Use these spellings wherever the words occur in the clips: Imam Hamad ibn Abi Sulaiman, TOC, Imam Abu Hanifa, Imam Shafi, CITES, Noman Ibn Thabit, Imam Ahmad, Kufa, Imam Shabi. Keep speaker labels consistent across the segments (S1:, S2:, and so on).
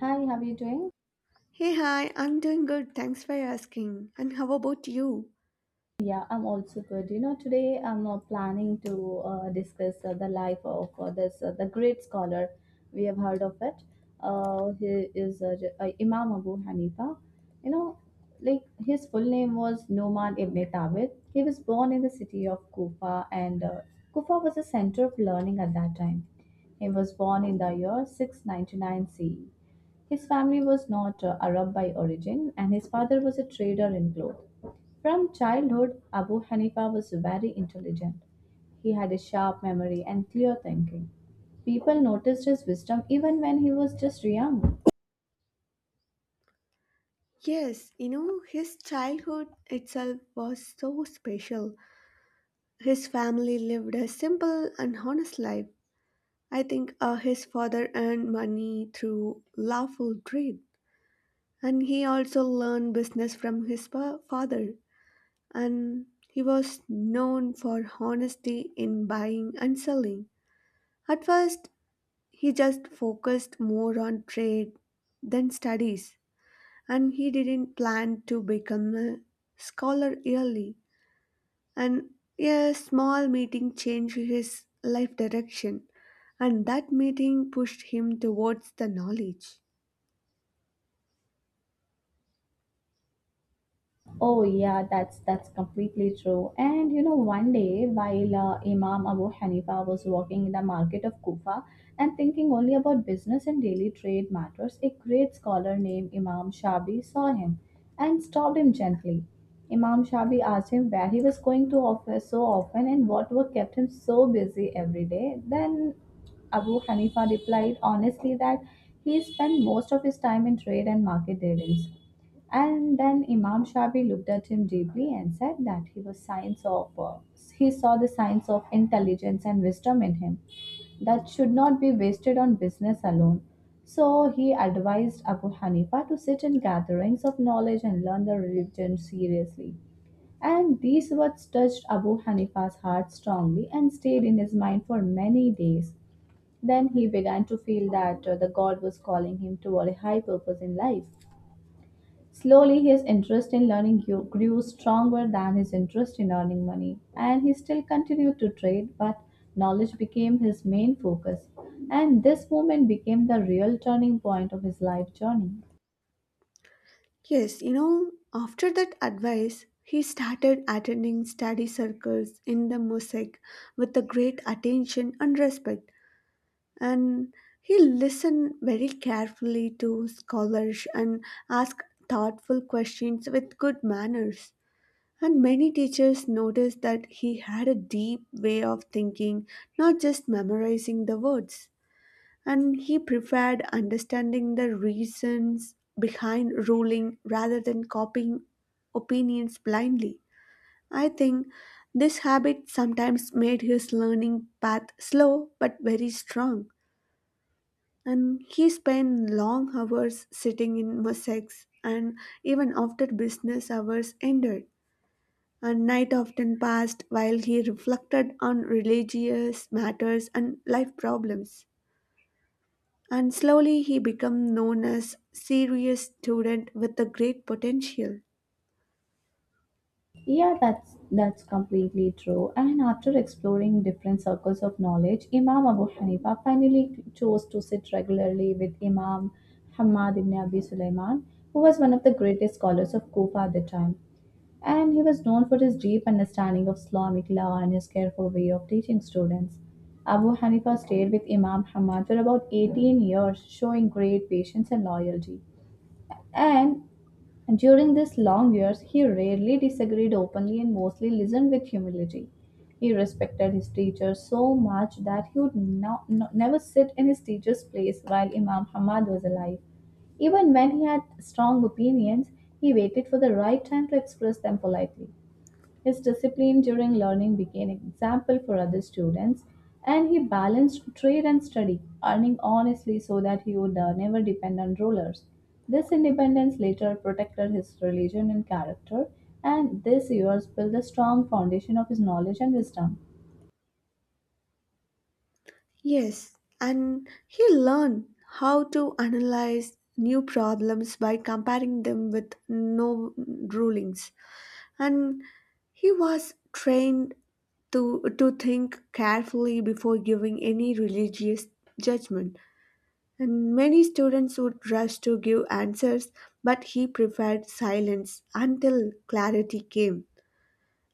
S1: Hi, how are you doing?
S2: Hey, hi, I'm doing good. Thanks for asking. And how about you?
S1: Yeah, I'm also good. You know, today I'm planning to discuss the life of this the great scholar. We have heard of it. Imam Abu Hanifa. You know, like his full name was Noman Ibn Thabit. He was born in the city of Kufa, and Kufa was a center of learning at that time. He was born in the year 699 CE. His family was not Arab by origin, and his father was a trader in cloth. From childhood, Abu Hanifa was very intelligent. He had a sharp memory and clear thinking. People noticed his wisdom even when he was just young.
S2: Yes, you know, his childhood itself was so special. His family lived a simple and honest life. I think his father earned money through lawful trade, and he also learned business from his father. And he was known for honesty in buying and selling. At first, he just focused more on trade than studies, and he didn't plan to become a scholar early, and a small meeting changed his life direction, and that meeting pushed him towards the knowledge.
S1: Oh yeah, that's completely true. And you know, one day while Imam Abu Hanifa was walking in the market of Kufa and thinking only about business and daily trade matters, a great scholar named Imam Shabi saw him and stopped him gently. Imam Shabi asked him where he was going to office so often and what work kept him so busy every day. Then Abu Hanifa replied honestly that he spent most of his time in trade and market dealings. And then Imam Shafi looked at him deeply and said that he saw the signs of intelligence and wisdom in him that should not be wasted on business alone. So he advised Abu Hanifa to sit in gatherings of knowledge and learn the religion seriously. And these words touched Abu Hanifa's heart strongly and stayed in his mind for many days. Then he began to feel that the God was calling him toward a high purpose in life. Slowly, his interest in learning grew stronger than his interest in earning money, and he still continued to trade, but knowledge became his main focus. And this moment became the real turning point of his life journey.
S2: Yes, you know, after that advice, he started attending study circles in the mosaic with a great attention and respect, and he listened very carefully to scholars and asked thoughtful questions with good manners. And many teachers noticed that he had a deep way of thinking, not just memorizing the words. And he preferred understanding the reasons behind ruling rather than copying opinions blindly. I think this habit sometimes made his learning path slow but very strong. And he spent long hours sitting in mosaics and even after business hours ended. A night often passed while he reflected on religious matters and life problems. And slowly he became known as serious student with a great potential.
S1: Yeah, that's completely true. And after exploring different circles of knowledge, Imam Abu Hanifa finally chose to sit regularly with Imam Hamad ibn Abi Sulaiman, who was one of the greatest scholars of Kufa at the time. And he was known for his deep understanding of Islamic law and his careful way of teaching students. Abu Hanifa stayed with Imam Ahmad for about 18 years, showing great patience and loyalty. And during these long years, he rarely disagreed openly and mostly listened with humility. He respected his teachers so much that he would never sit in his teacher's place while Imam Ahmad was alive. Even when he had strong opinions, he waited for the right time to express them politely. His discipline during learning became an example for other students, and he balanced trade and study, earning honestly so that he would never depend on rulers. This independence later protected his religion and character, and these years built a strong foundation of his knowledge and wisdom.
S2: Yes, and he learned how to analyze new problems by comparing them with no rulings. And he was trained to think carefully before giving any religious judgment. And many students would rush to give answers, but he preferred silence until clarity came.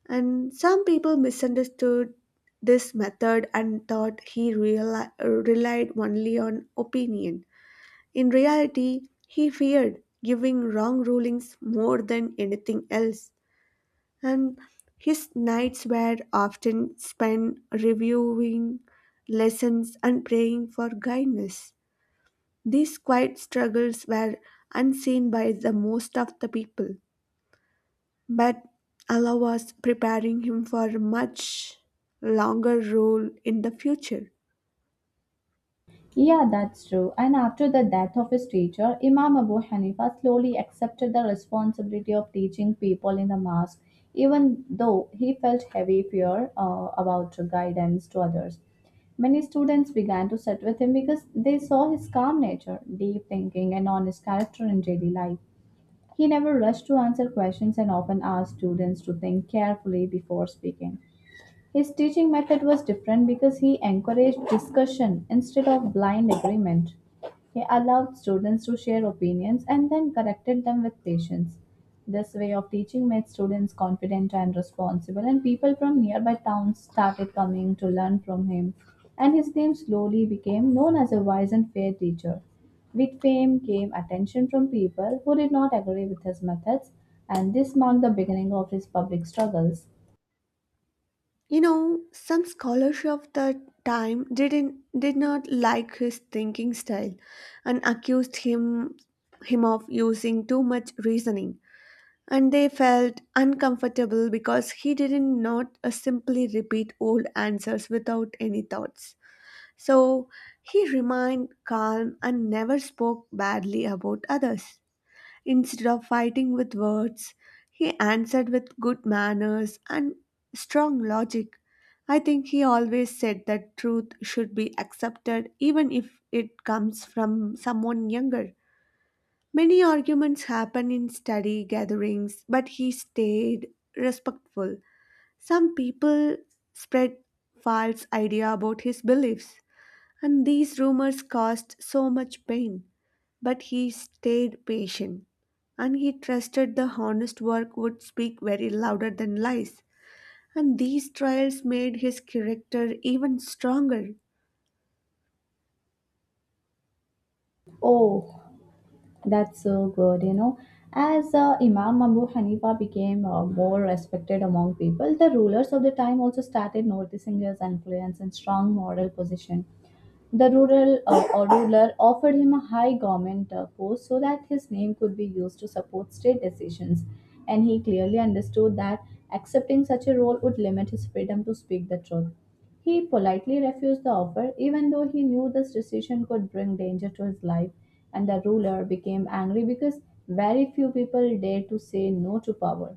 S2: And some people misunderstood this method and thought he relied only on opinion. In reality, he feared giving wrong rulings more than anything else. And his nights were often spent reviewing lessons and praying for guidance. These quiet struggles were unseen by the most of the people, but Allah was preparing him for a much longer role in the future.
S1: Yeah, that's true. And after the death of his teacher, Imam Abu Hanifa slowly accepted the responsibility of teaching people in the mosque, even though he felt heavy fear about guidance to others. Many students began to sit with him because they saw his calm nature, deep thinking, and honest character in daily life. He never rushed to answer questions and often asked students to think carefully before speaking. His teaching method was different because he encouraged discussion instead of blind agreement. He allowed students to share opinions and then corrected them with patience. This way of teaching made students confident and responsible, and people from nearby towns started coming to learn from him. And his name slowly became known as a wise and fair teacher. With fame came attention from people who did not agree with his methods, and this marked the beginning of his public struggles.
S2: You know, some scholars of the time did not like his thinking style and accused him of using too much reasoning, and they felt uncomfortable because he didn't not simply repeat old answers without any thoughts. So he remained calm and never spoke badly about others. Instead of fighting with words, he answered with good manners and strong logic. I think he always said that truth should be accepted even if it comes from someone younger. Many arguments happen in study gatherings, but he stayed respectful. Some people spread false idea about his beliefs, and these rumors caused so much pain. But he stayed patient. And he trusted the honest work would speak very louder than lies. And these trials made his character even stronger.
S1: Oh, that's so good, you know. As Imam Abu Hanifa became more respected among people, the rulers of the time also started noticing his influence and strong moral position. The rural or ruler offered him a high government post so that his name could be used to support state decisions, and he clearly understood that accepting such a role would limit his freedom to speak the truth. He politely refused the offer, even though he knew this decision could bring danger to his life, and the ruler became angry because very few people dared to say no to power.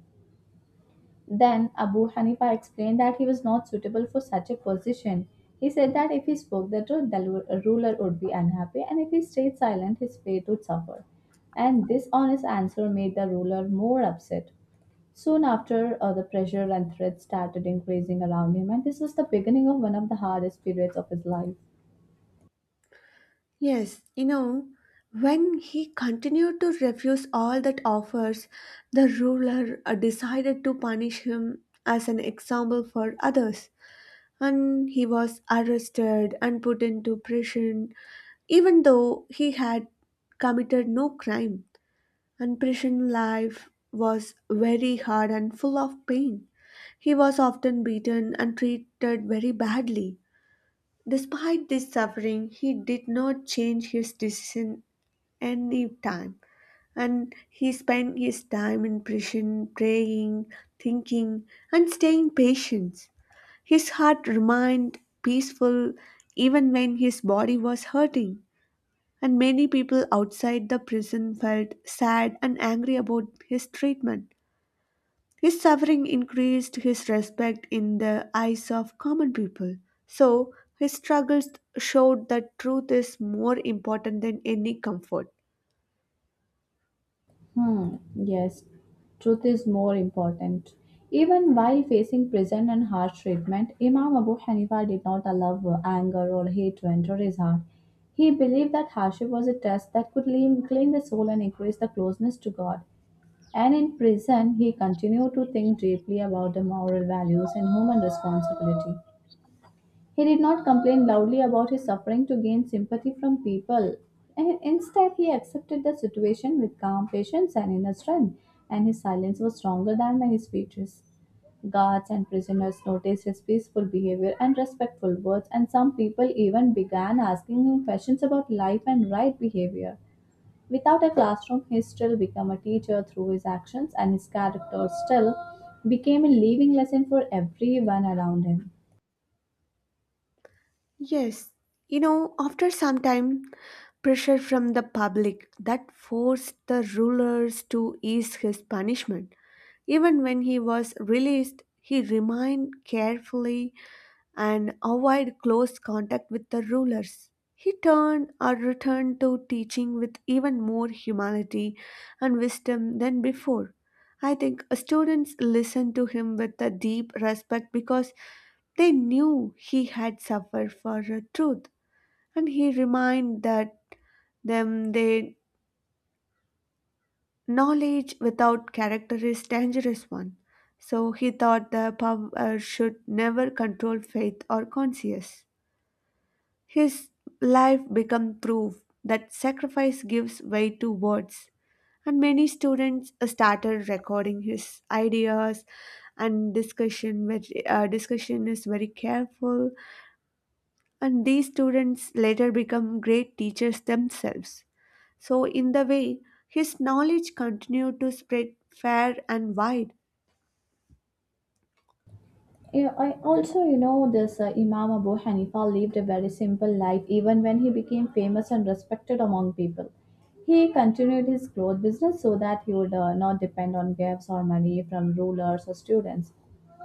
S1: Then Abu Hanifa explained that he was not suitable for such a position. He said that if he spoke the truth, the ruler would be unhappy, and if he stayed silent, his faith would suffer. And this honest answer made the ruler more upset. Soon after, the pressure and threats started increasing around him, and this was the beginning of one of the hardest periods of his life.
S2: Yes, you know, when he continued to refuse all that offers, the ruler decided to punish him as an example for others. And he was arrested and put into prison. Even though he had committed no crime, and prison life was very hard and full of pain. He was often beaten and treated very badly. Despite this suffering, he did not change his decision any time, and he spent his time in prison praying, thinking, and staying patient. His heart remained peaceful even when his body was hurting, and many people outside the prison felt sad and angry about his treatment. His suffering increased his respect in the eyes of common people. So, his struggles showed that truth is more important than any comfort.
S1: Hmm, yes, truth is more important. Even while facing prison and harsh treatment, Imam Abu Hanifa did not allow anger or hate to enter his heart. He believed that hardship was a test that could clean the soul and increase the closeness to God. And in prison, he continued to think deeply about the moral values and human responsibility. He did not complain loudly about his suffering to gain sympathy from people. And instead, he accepted the situation with calm patience and inner strength, and his silence was stronger than many speeches. Guards and prisoners noticed his peaceful behavior and respectful words, and some people even began asking him questions about life and right behavior. Without a classroom, he still became a teacher through his actions, and his character still became a living lesson for everyone around him.
S2: Yes, you know, after some time, pressure from the public that forced the rulers to ease his punishment. Even when he was released, he remained carefully and avoid close contact with the rulers. He turned or returned to teaching with even more humility and wisdom than before. I think students listened to him with a deep respect because they knew he had suffered for truth, and he reminded that them their knowledge without character is dangerous one. So he thought the power should never control faith or conscience. His life became proof that sacrifice gives way to words, and many students started recording his ideas and discussion. Very, discussion is very careful, and these students later become great teachers themselves. So, in the way, his knowledge continued to spread far and wide.
S1: Yeah, I also, you know, this Imam Abu Hanifa lived a very simple life even when he became famous and respected among people. He continued his cloth business so that he would not depend on gifts or money from rulers or students.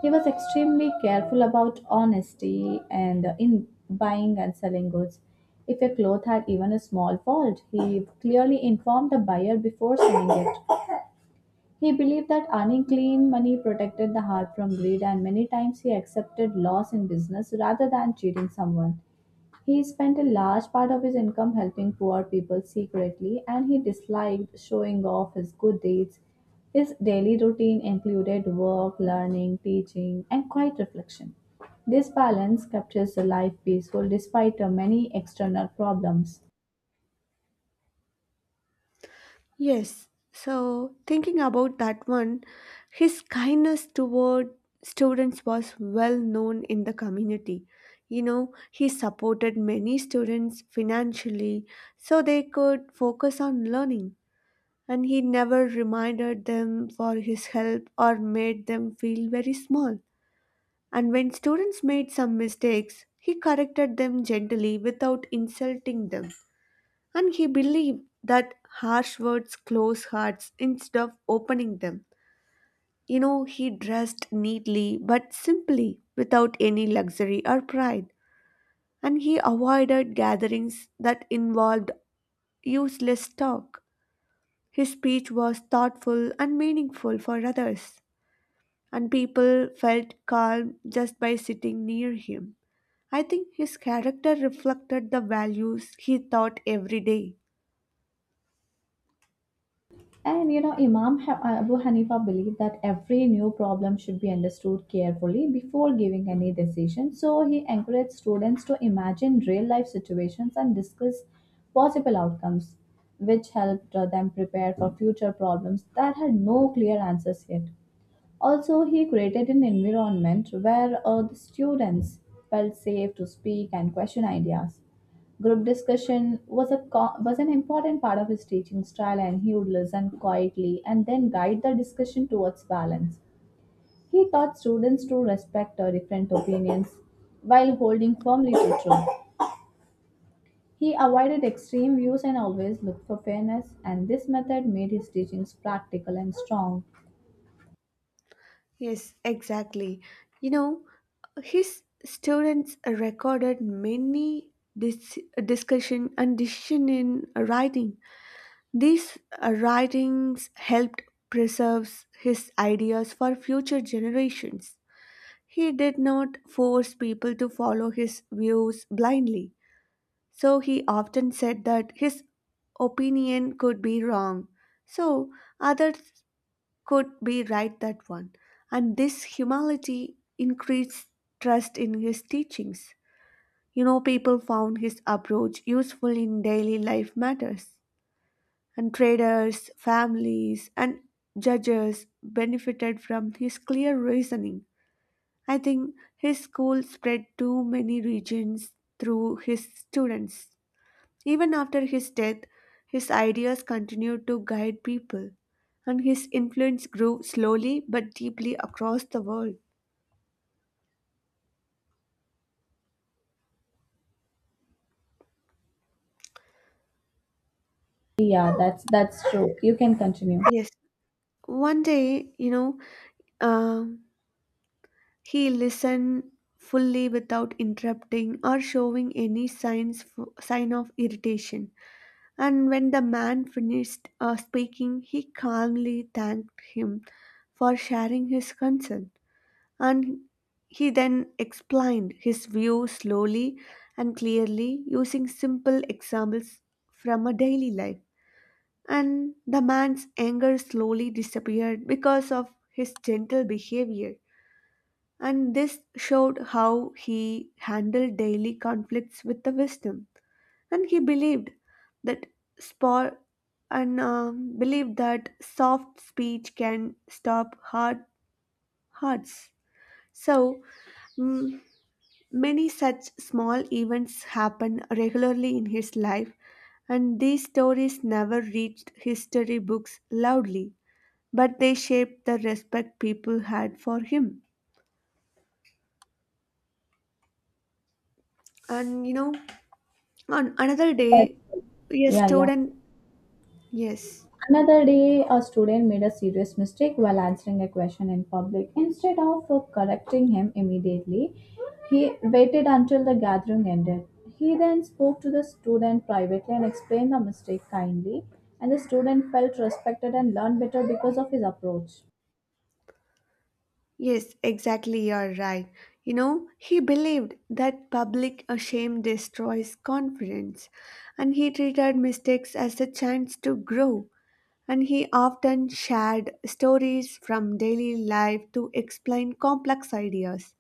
S1: He was extremely careful about honesty and in buying and selling goods. If a cloth had even a small fault, he clearly informed the buyer before selling it. He believed that earning clean money protected the heart from greed, and many times he accepted loss in business rather than cheating someone. He spent a large part of his income helping poor people secretly, and he disliked showing off his good deeds. His daily routine included work, learning, teaching, and quiet reflection. This balance kept his life peaceful despite many external problems.
S2: Yes, so thinking about that one, his kindness toward students was well known in the community. You know, he supported many students financially so they could focus on learning, and he never reminded them for his help or made them feel very small. And when students made some mistakes, he corrected them gently without insulting them, and he believed that harsh words close hearts instead of opening them. You know, he dressed neatly but simply, without any luxury or pride, and he avoided gatherings that involved useless talk. His speech was thoughtful and meaningful for others, and people felt calm just by sitting near him. I think his character reflected the values he taught every day.
S1: And you know, Abu Hanifa believed that every new problem should be understood carefully before giving any decision. So he encouraged students to imagine real life situations and discuss possible outcomes, which helped them prepare for future problems that had no clear answers yet. Also, he created an environment where the students felt safe to speak and question ideas. Group discussion was an important part of his teaching style, and he would listen quietly and then guide the discussion towards balance. He taught students to respect different opinions while holding firmly to truth. He avoided extreme views and always looked for fairness, and this method made his teachings practical and strong.
S2: Yes, exactly. You know, his students recorded many dis- discussion and decision in writing. These writings helped preserve his ideas for future generations. He did not force people to follow his views blindly. So he often said that his opinion could be wrong. So others could be right that one. And this humility increased trust in his teachings. You know, people found his approach useful in daily life matters. And traders, families, and judges benefited from his clear reasoning. I think his school spread to many regions through his students. Even after his death, his ideas continued to guide people, and his influence grew slowly but deeply across the world.
S1: Yeah, that's true. You can continue.
S2: Yes, one day, you know, um, he listened fully without interrupting or showing any sign of irritation. And when the man finished speaking, he calmly thanked him for sharing his concern. And he then explained his view slowly and clearly using simple examples from a daily life. And the man's anger slowly disappeared because of his gentle behavior. And this showed how he handled daily conflicts with the wisdom. And he believed that sport and believed that soft speech can stop hard hearts. So, mm, many such small events happen regularly in his life, and these stories never reached history books loudly, but they shaped the respect people had for him. And you know, on another
S1: That's
S2: day,
S1: true.
S2: a
S1: Yeah, yeah.
S2: student, yes,
S1: Another day, a student made a serious mistake while answering a question in public. Instead of correcting him immediately, he waited until the gathering ended. He then spoke to the student privately and explained the mistake kindly, and the student felt respected and learned better because of his approach.
S2: yes, exactly, you're right. You know, he believed that public shame destroys confidence, and he treated mistakes as a chance to grow. And he often shared stories from daily life to explain complex ideas.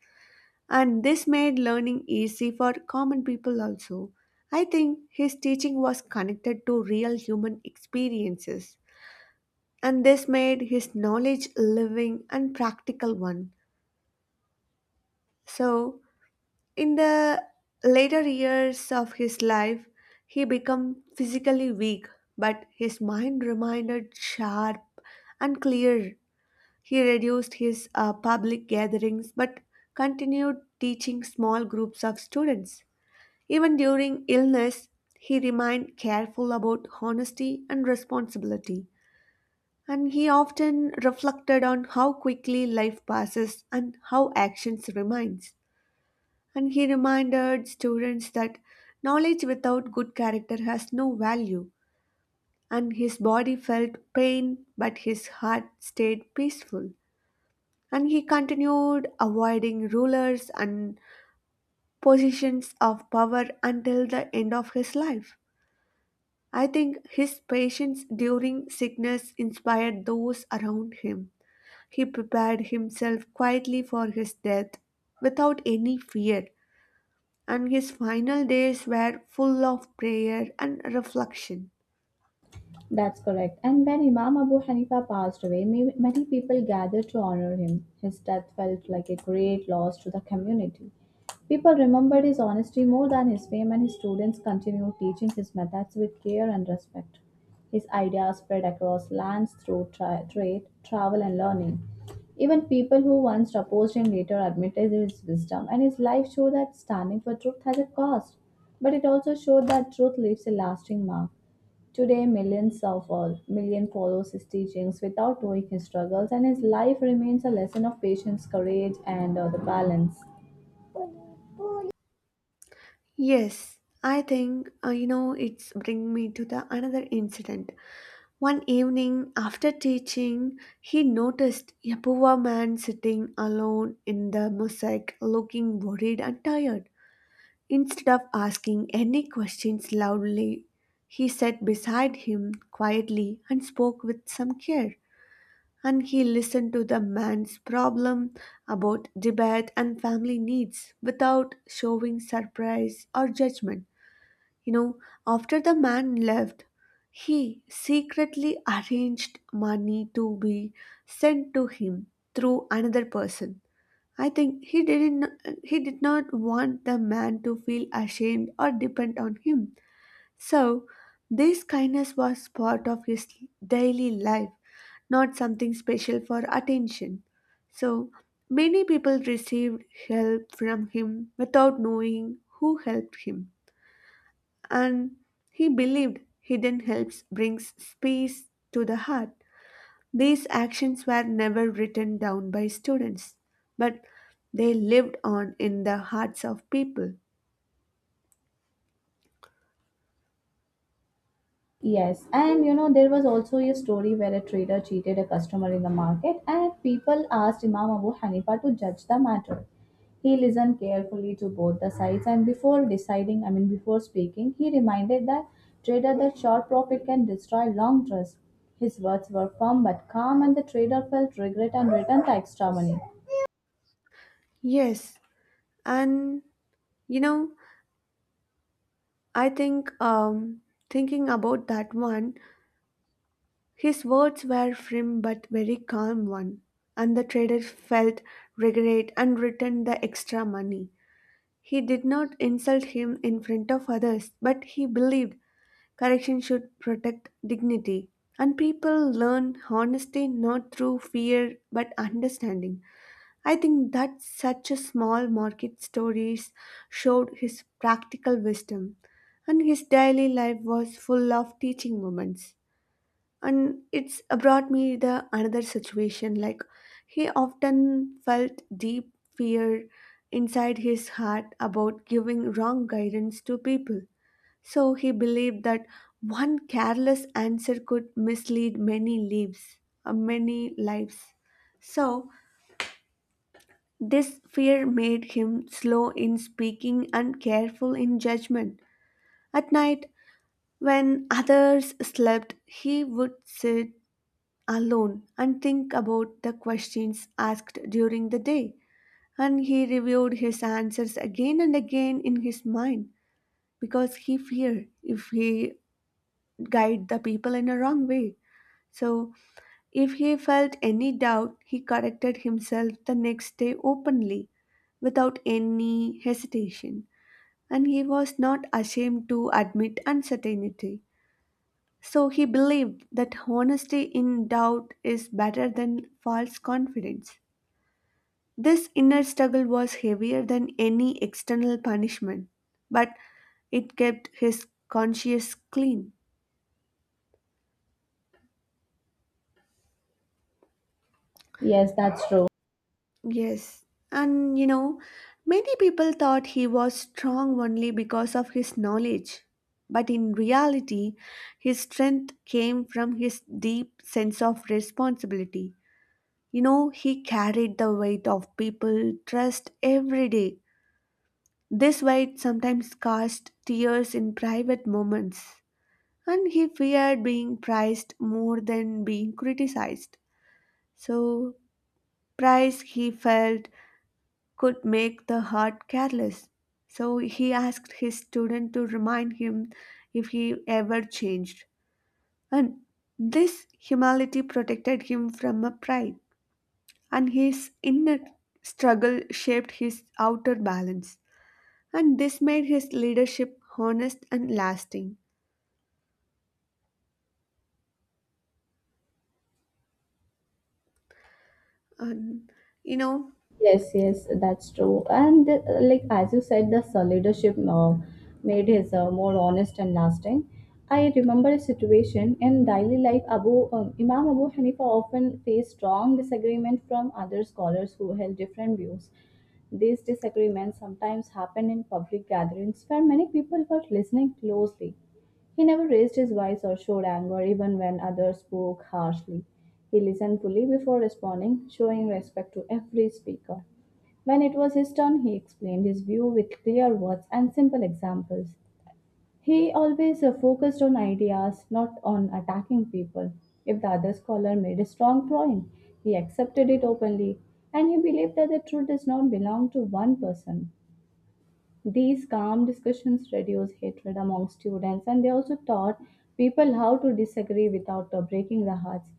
S2: And this made learning easy for common people also. I think his teaching was connected to real human experiences, and this made his knowledge living and practical one. So, in the later years of his life, he became physically weak, but his mind remained sharp and clear. He reduced his public gatherings but continued teaching small groups of students. Even during illness, he remained careful about honesty and responsibility. And he often reflected on how quickly life passes and how actions remains. And he reminded students that knowledge without good character has no value. And his body felt pain, but his heart stayed peaceful. And he continued avoiding rulers and positions of power until the end of his life. I think his patience during sickness inspired those around him. He prepared himself quietly for his death without any fear, and his final days were full of prayer and reflection.
S1: That's correct. And when Imam Abu Hanifa passed away, many people gathered to honor him. His death felt like a great loss to the community. People remembered his honesty more than his fame, and his students continued teaching his methods with care and respect. His ideas spread across lands through trade, travel, and learning. Even people who once opposed him later admitted his wisdom, and his life showed that standing for truth has a cost, but it also showed that truth leaves a lasting mark. Today, millions of all million follows his teachings without knowing his struggles, and his life remains a lesson of patience, courage, and the balance.
S2: Yes, I think you know, it's bring me to the another incident. One evening, after teaching, he noticed a poor man sitting alone in the mosaic, looking worried and tired. Instead of asking any questions loudly, he sat beside him quietly and spoke with some care. And he listened to the man's problem about debate and family needs without showing surprise or judgment. You know, after the man left, he secretly arranged money to be sent to him through another person. I think he did not want the man to feel ashamed or depend on him. So, this kindness was part of his daily life, not something special for attention. So, many people received help from him without knowing who helped him, and he believed hidden helps brings peace to the heart. These actions were never written down by students, but they lived on in the hearts of people.
S1: Yes, and you know, there was also a story where a trader cheated a customer in the market, and people asked Imam Abu Hanifa to judge the matter. He listened carefully to both the sides, and before deciding, I mean, before speaking, he reminded the trader that short profit can destroy long trust. His words were firm but calm, and the trader felt regret and returned the extra money.
S2: Yes, and you know, I think thinking about that one, his words were firm but very calm one, and the trader felt regret and returned the extra money. He did not insult him in front of others, but he believed correction should protect dignity. And people learn honesty not through fear but understanding. I think that such a small market stories showed his practical wisdom. And his daily life was full of teaching moments. And it's brought me the another situation like he often felt deep fear inside his heart about giving wrong guidance to people, so he believed that one careless answer could mislead many lives. So this fear made him slow in speaking and careful in judgment. At night, when others slept, he would sit alone and think about the questions asked during the day. And he reviewed his answers again and again in his mind because he feared if he guide the people in a wrong way. So, if he felt any doubt, he corrected himself the next day openly without any hesitation, and he was not ashamed to admit uncertainty. So, he believed that honesty in doubt is better than false confidence. This inner struggle was heavier than any external punishment, but it kept his conscience clean.
S1: Yes, that's true.
S2: Yes, and you know, many people thought he was strong only because of his knowledge. But in reality, his strength came from his deep sense of responsibility. You know, he carried the weight of people trust every day. This weight sometimes caused tears in private moments, and he feared being prized more than being criticized. So, price he felt could make the heart careless. So he asked his student to remind him if he ever changed. And this humility protected him from a pride, and his inner struggle shaped his outer balance. And this made his leadership honest and lasting. And you know,
S1: Yes, yes, that's true. And like as you said, the leadership made his more honest and lasting. I remember a situation in daily life. Abu Imam Abu Hanifa often faced strong disagreement from other scholars who held different views. These disagreements sometimes happened in public gatherings where many people were listening closely. He never raised his voice or showed anger even when others spoke harshly. He listened fully before responding, showing respect to every speaker. When it was his turn, he explained his view with clear words and simple examples. He always focused on ideas, not on attacking people. If the other scholar made a strong point, he accepted it openly, and he believed that the truth does not belong to one person. These calm discussions reduced hatred among students and they also taught people how to disagree without breaking the hearts.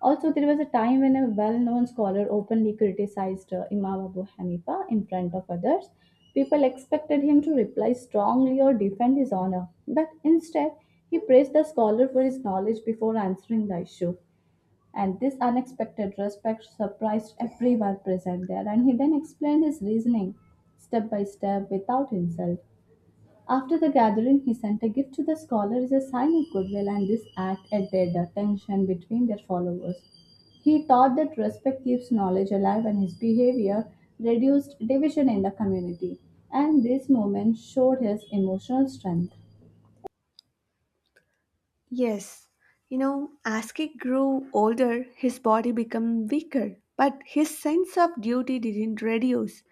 S1: Also, there was a time when a well known scholar openly criticized Imam Abu Hanifa in front of others. People expected him to reply strongly or defend his honor, but instead, he praised the scholar for his knowledge before answering the issue. And this unexpected respect surprised everyone present there, and he then explained his reasoning step by step without insult. After the gathering, he sent a gift to the scholar as a sign of goodwill, and this act added the tension between their followers. He taught that respect keeps knowledge alive, and his behavior reduced division in the community. And this movement showed his emotional strength.
S2: yes, you know, as he grew older, his body became weaker, but his sense of duty didn't reduce.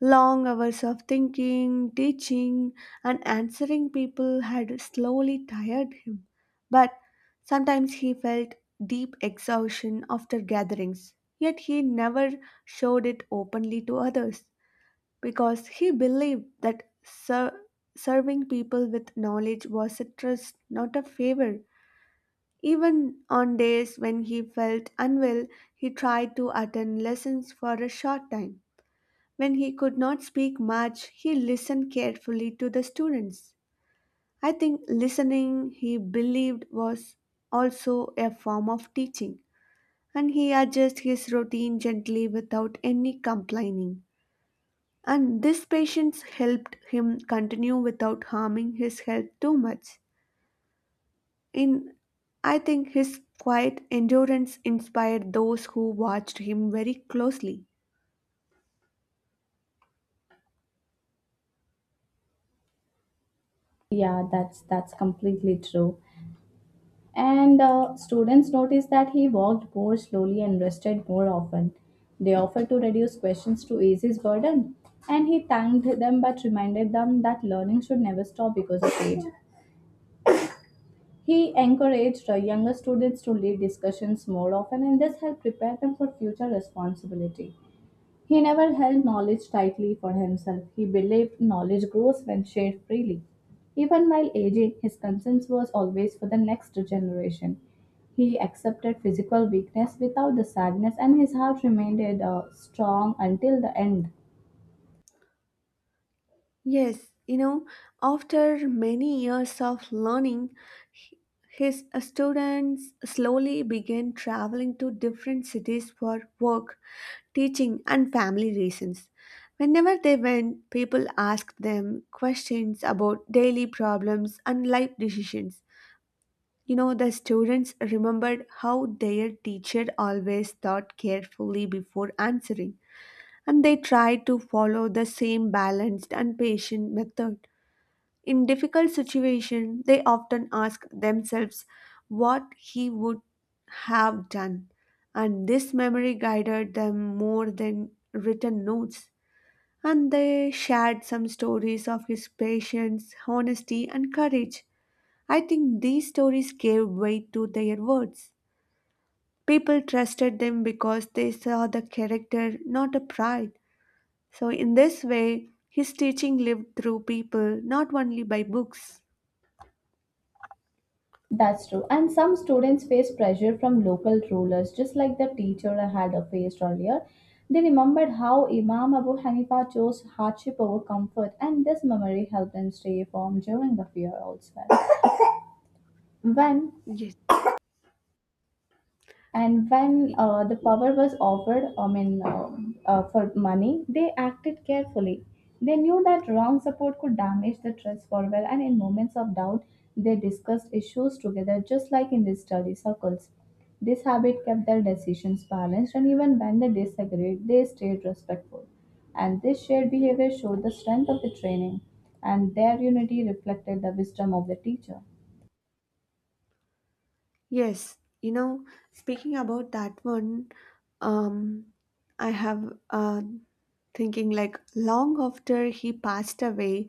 S2: Long hours of thinking, teaching, and answering people had slowly tired him, but sometimes he felt deep exhaustion after gatherings. Yet he never showed it openly to others because he believed that serving people with knowledge was a trust, not a favor. Even on days when he felt unwell, he tried to attend lessons for a short time when he could not speak much, he listened carefully to the students. I think listening, he believed, was also a form of teaching, and he adjusted his routine gently without any complaining. And this patience helped him continue without harming his health too much. In I think his quiet endurance inspired those who watched him very closely.
S1: Yeah, that's completely true. And students noticed that he walked more slowly and rested more often. They offered to reduce questions to ease his burden, and he thanked them but reminded them that learning should never stop because of age. He encouraged younger students to lead discussions more often, and this helped prepare them for future responsibility. He never held knowledge tightly for himself. He believed knowledge grows when shared freely. Even while aging, his concern was always for the next generation. He accepted physical weakness without the sadness, and his heart remained strong until the end.
S2: Yes, you know, after many years of learning, h- his students slowly began traveling to different cities for work, teaching, and family reasons. Whenever they went, people asked them questions about daily problems and life decisions. You know, the students remembered how their teacher always thought carefully before answering, and they tried to follow the same balanced and patient method. In difficult situations, they often ask themselves what he would have done, and this memory guided them more than written notes. And they shared some stories of his patience, honesty, and courage. I think these stories gave weight to their words. People trusted them because they saw the character, not a pride. So, in this way, his teaching lived through people, not only by books.
S1: That's true. And some students face pressure from local rulers, just like the teacher I had faced earlier. They remembered how Imam Abu Hanifa chose hardship over comfort, and this memory helped them stay firm during the fear as well. When
S2: Yes.
S1: and when the power was offered, I mean for money, they acted carefully. They knew that wrong support could damage the trust forever, and in moments of doubt they discussed issues together, just like in the study circles. This habit kept their decisions balanced, and even when they disagreed they stayed respectful, and this shared behavior showed the strength of the training, and their unity reflected the wisdom of the teacher.
S2: Yes, you know, speaking about that one, um, I have thinking like long after he passed away,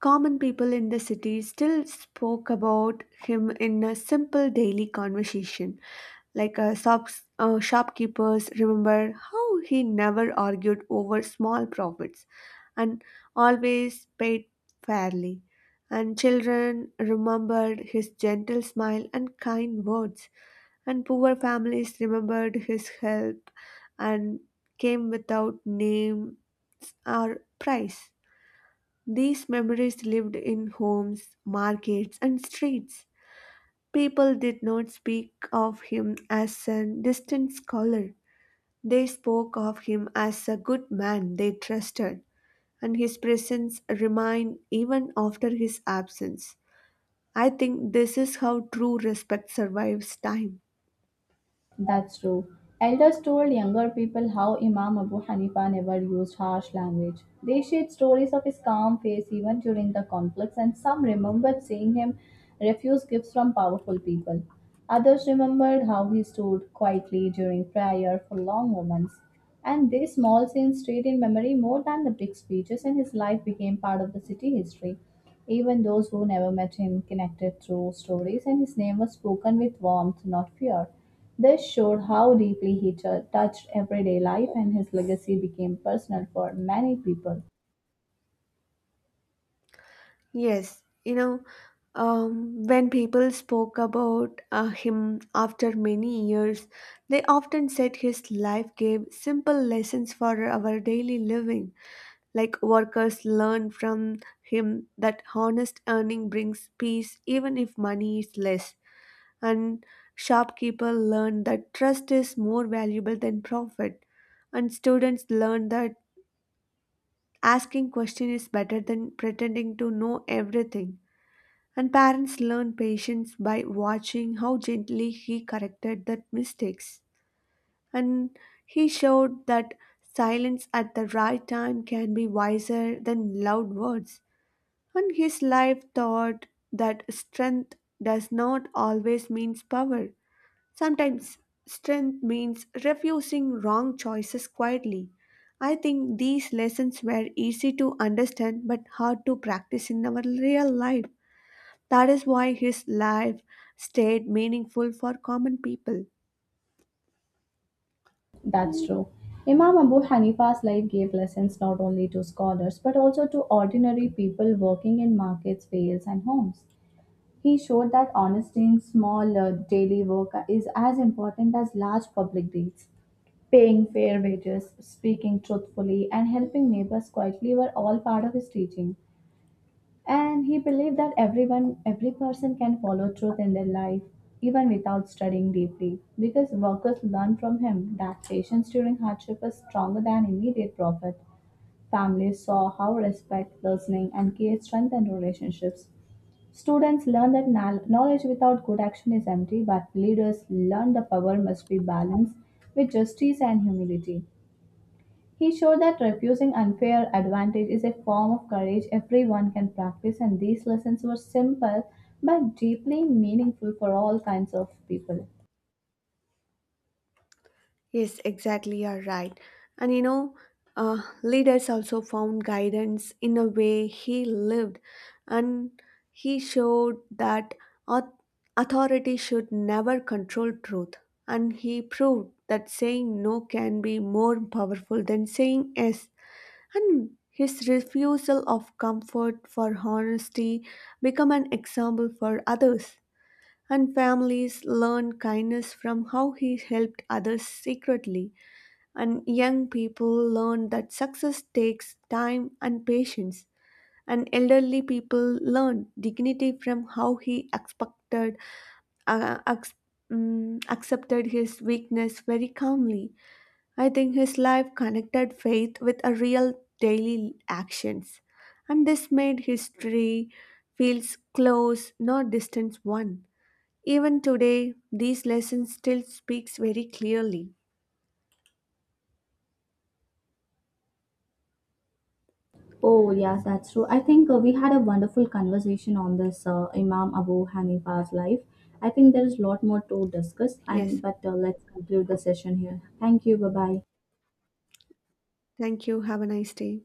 S2: common people in the city still spoke about him in a simple daily conversation. Like shopkeepers remember how he never argued over small profits and always paid fairly. And children remembered his gentle smile and kind words. And poor families remembered his help and came without names or price. These memories lived in homes, markets, and streets. People did not speak of him as a distant scholar. They spoke of him as a good man they trusted, and his presence remained even after his absence. I think this is how true respect survives time.
S1: That's true. Elders told younger people how Imam Abu Hanifa never used harsh language. They shared stories of his calm face even during the conflicts, and some remembered seeing him refuse gifts from powerful people. Others remembered how he stood quietly during prayer for long moments. And these small scenes stayed in memory more than the big speeches, and his life became part of the city history. Even those who never met him connected through stories, and his name was spoken with warmth, not fear. This showed how deeply he touched everyday life and his legacy became personal for many people.
S2: Yes, you know, when people spoke about him after many years, they often said his life gave simple lessons for our daily living. Like workers learn from him that honest earning brings peace even if money is less, and shopkeepers learn that trust is more valuable than profit, and students learn that asking question is better than pretending to know everything, and parents learn patience by watching how gently he corrected the mistakes. And he showed that silence at the right time can be wiser than loud words. And his life taught that strength does not always means power. Sometimes strength means refusing wrong choices quietly. I think these lessons were easy to understand but hard to practice in our real life. That is why his life stayed meaningful for common people.
S1: That's true. Imam Abu Hanifa's life gave lessons not only to scholars but also to ordinary people working in markets, fields, and homes. He showed that honesty in small daily work is as important as large public deeds. Paying fair wages, speaking truthfully, and helping neighbors quietly were all part of his teaching. And he believed that everyone, every person can follow truth in their life, even without studying deeply, because workers learned from him that patience during hardship is stronger than immediate profit. Families saw how respect, listening, and care strengthened relationships. Students learned that knowledge without good action is empty, but leaders learned the power must be balanced with justice and humility. He showed that refusing unfair advantage is a form of courage everyone can practice, and these lessons were simple but deeply meaningful for all kinds of people.
S2: Yes, exactly, you're right. And you know, leaders also found guidance in a way he lived, and he showed that au- authority should never control truth. And he proved that saying no can be more powerful than saying yes. And his refusal of comfort for honesty become an example for others. And families learn kindness from how he helped others secretly. And young people learn that success takes time and patience. And elderly people learn dignity from how he uh, ex- accepted his weakness very calmly. I think his life connected faith with a real daily actions. And this made history feels close, not distant one. Even today, these lessons still speaks very clearly.
S1: Oh, yeah, that's true. I think we had a wonderful conversation on this Imam Abu Hanifa's life. I think there is a lot more to discuss, and
S2: Yes.
S1: but let's conclude the session here. Thank you. Bye bye.
S2: Thank you. Have a nice day.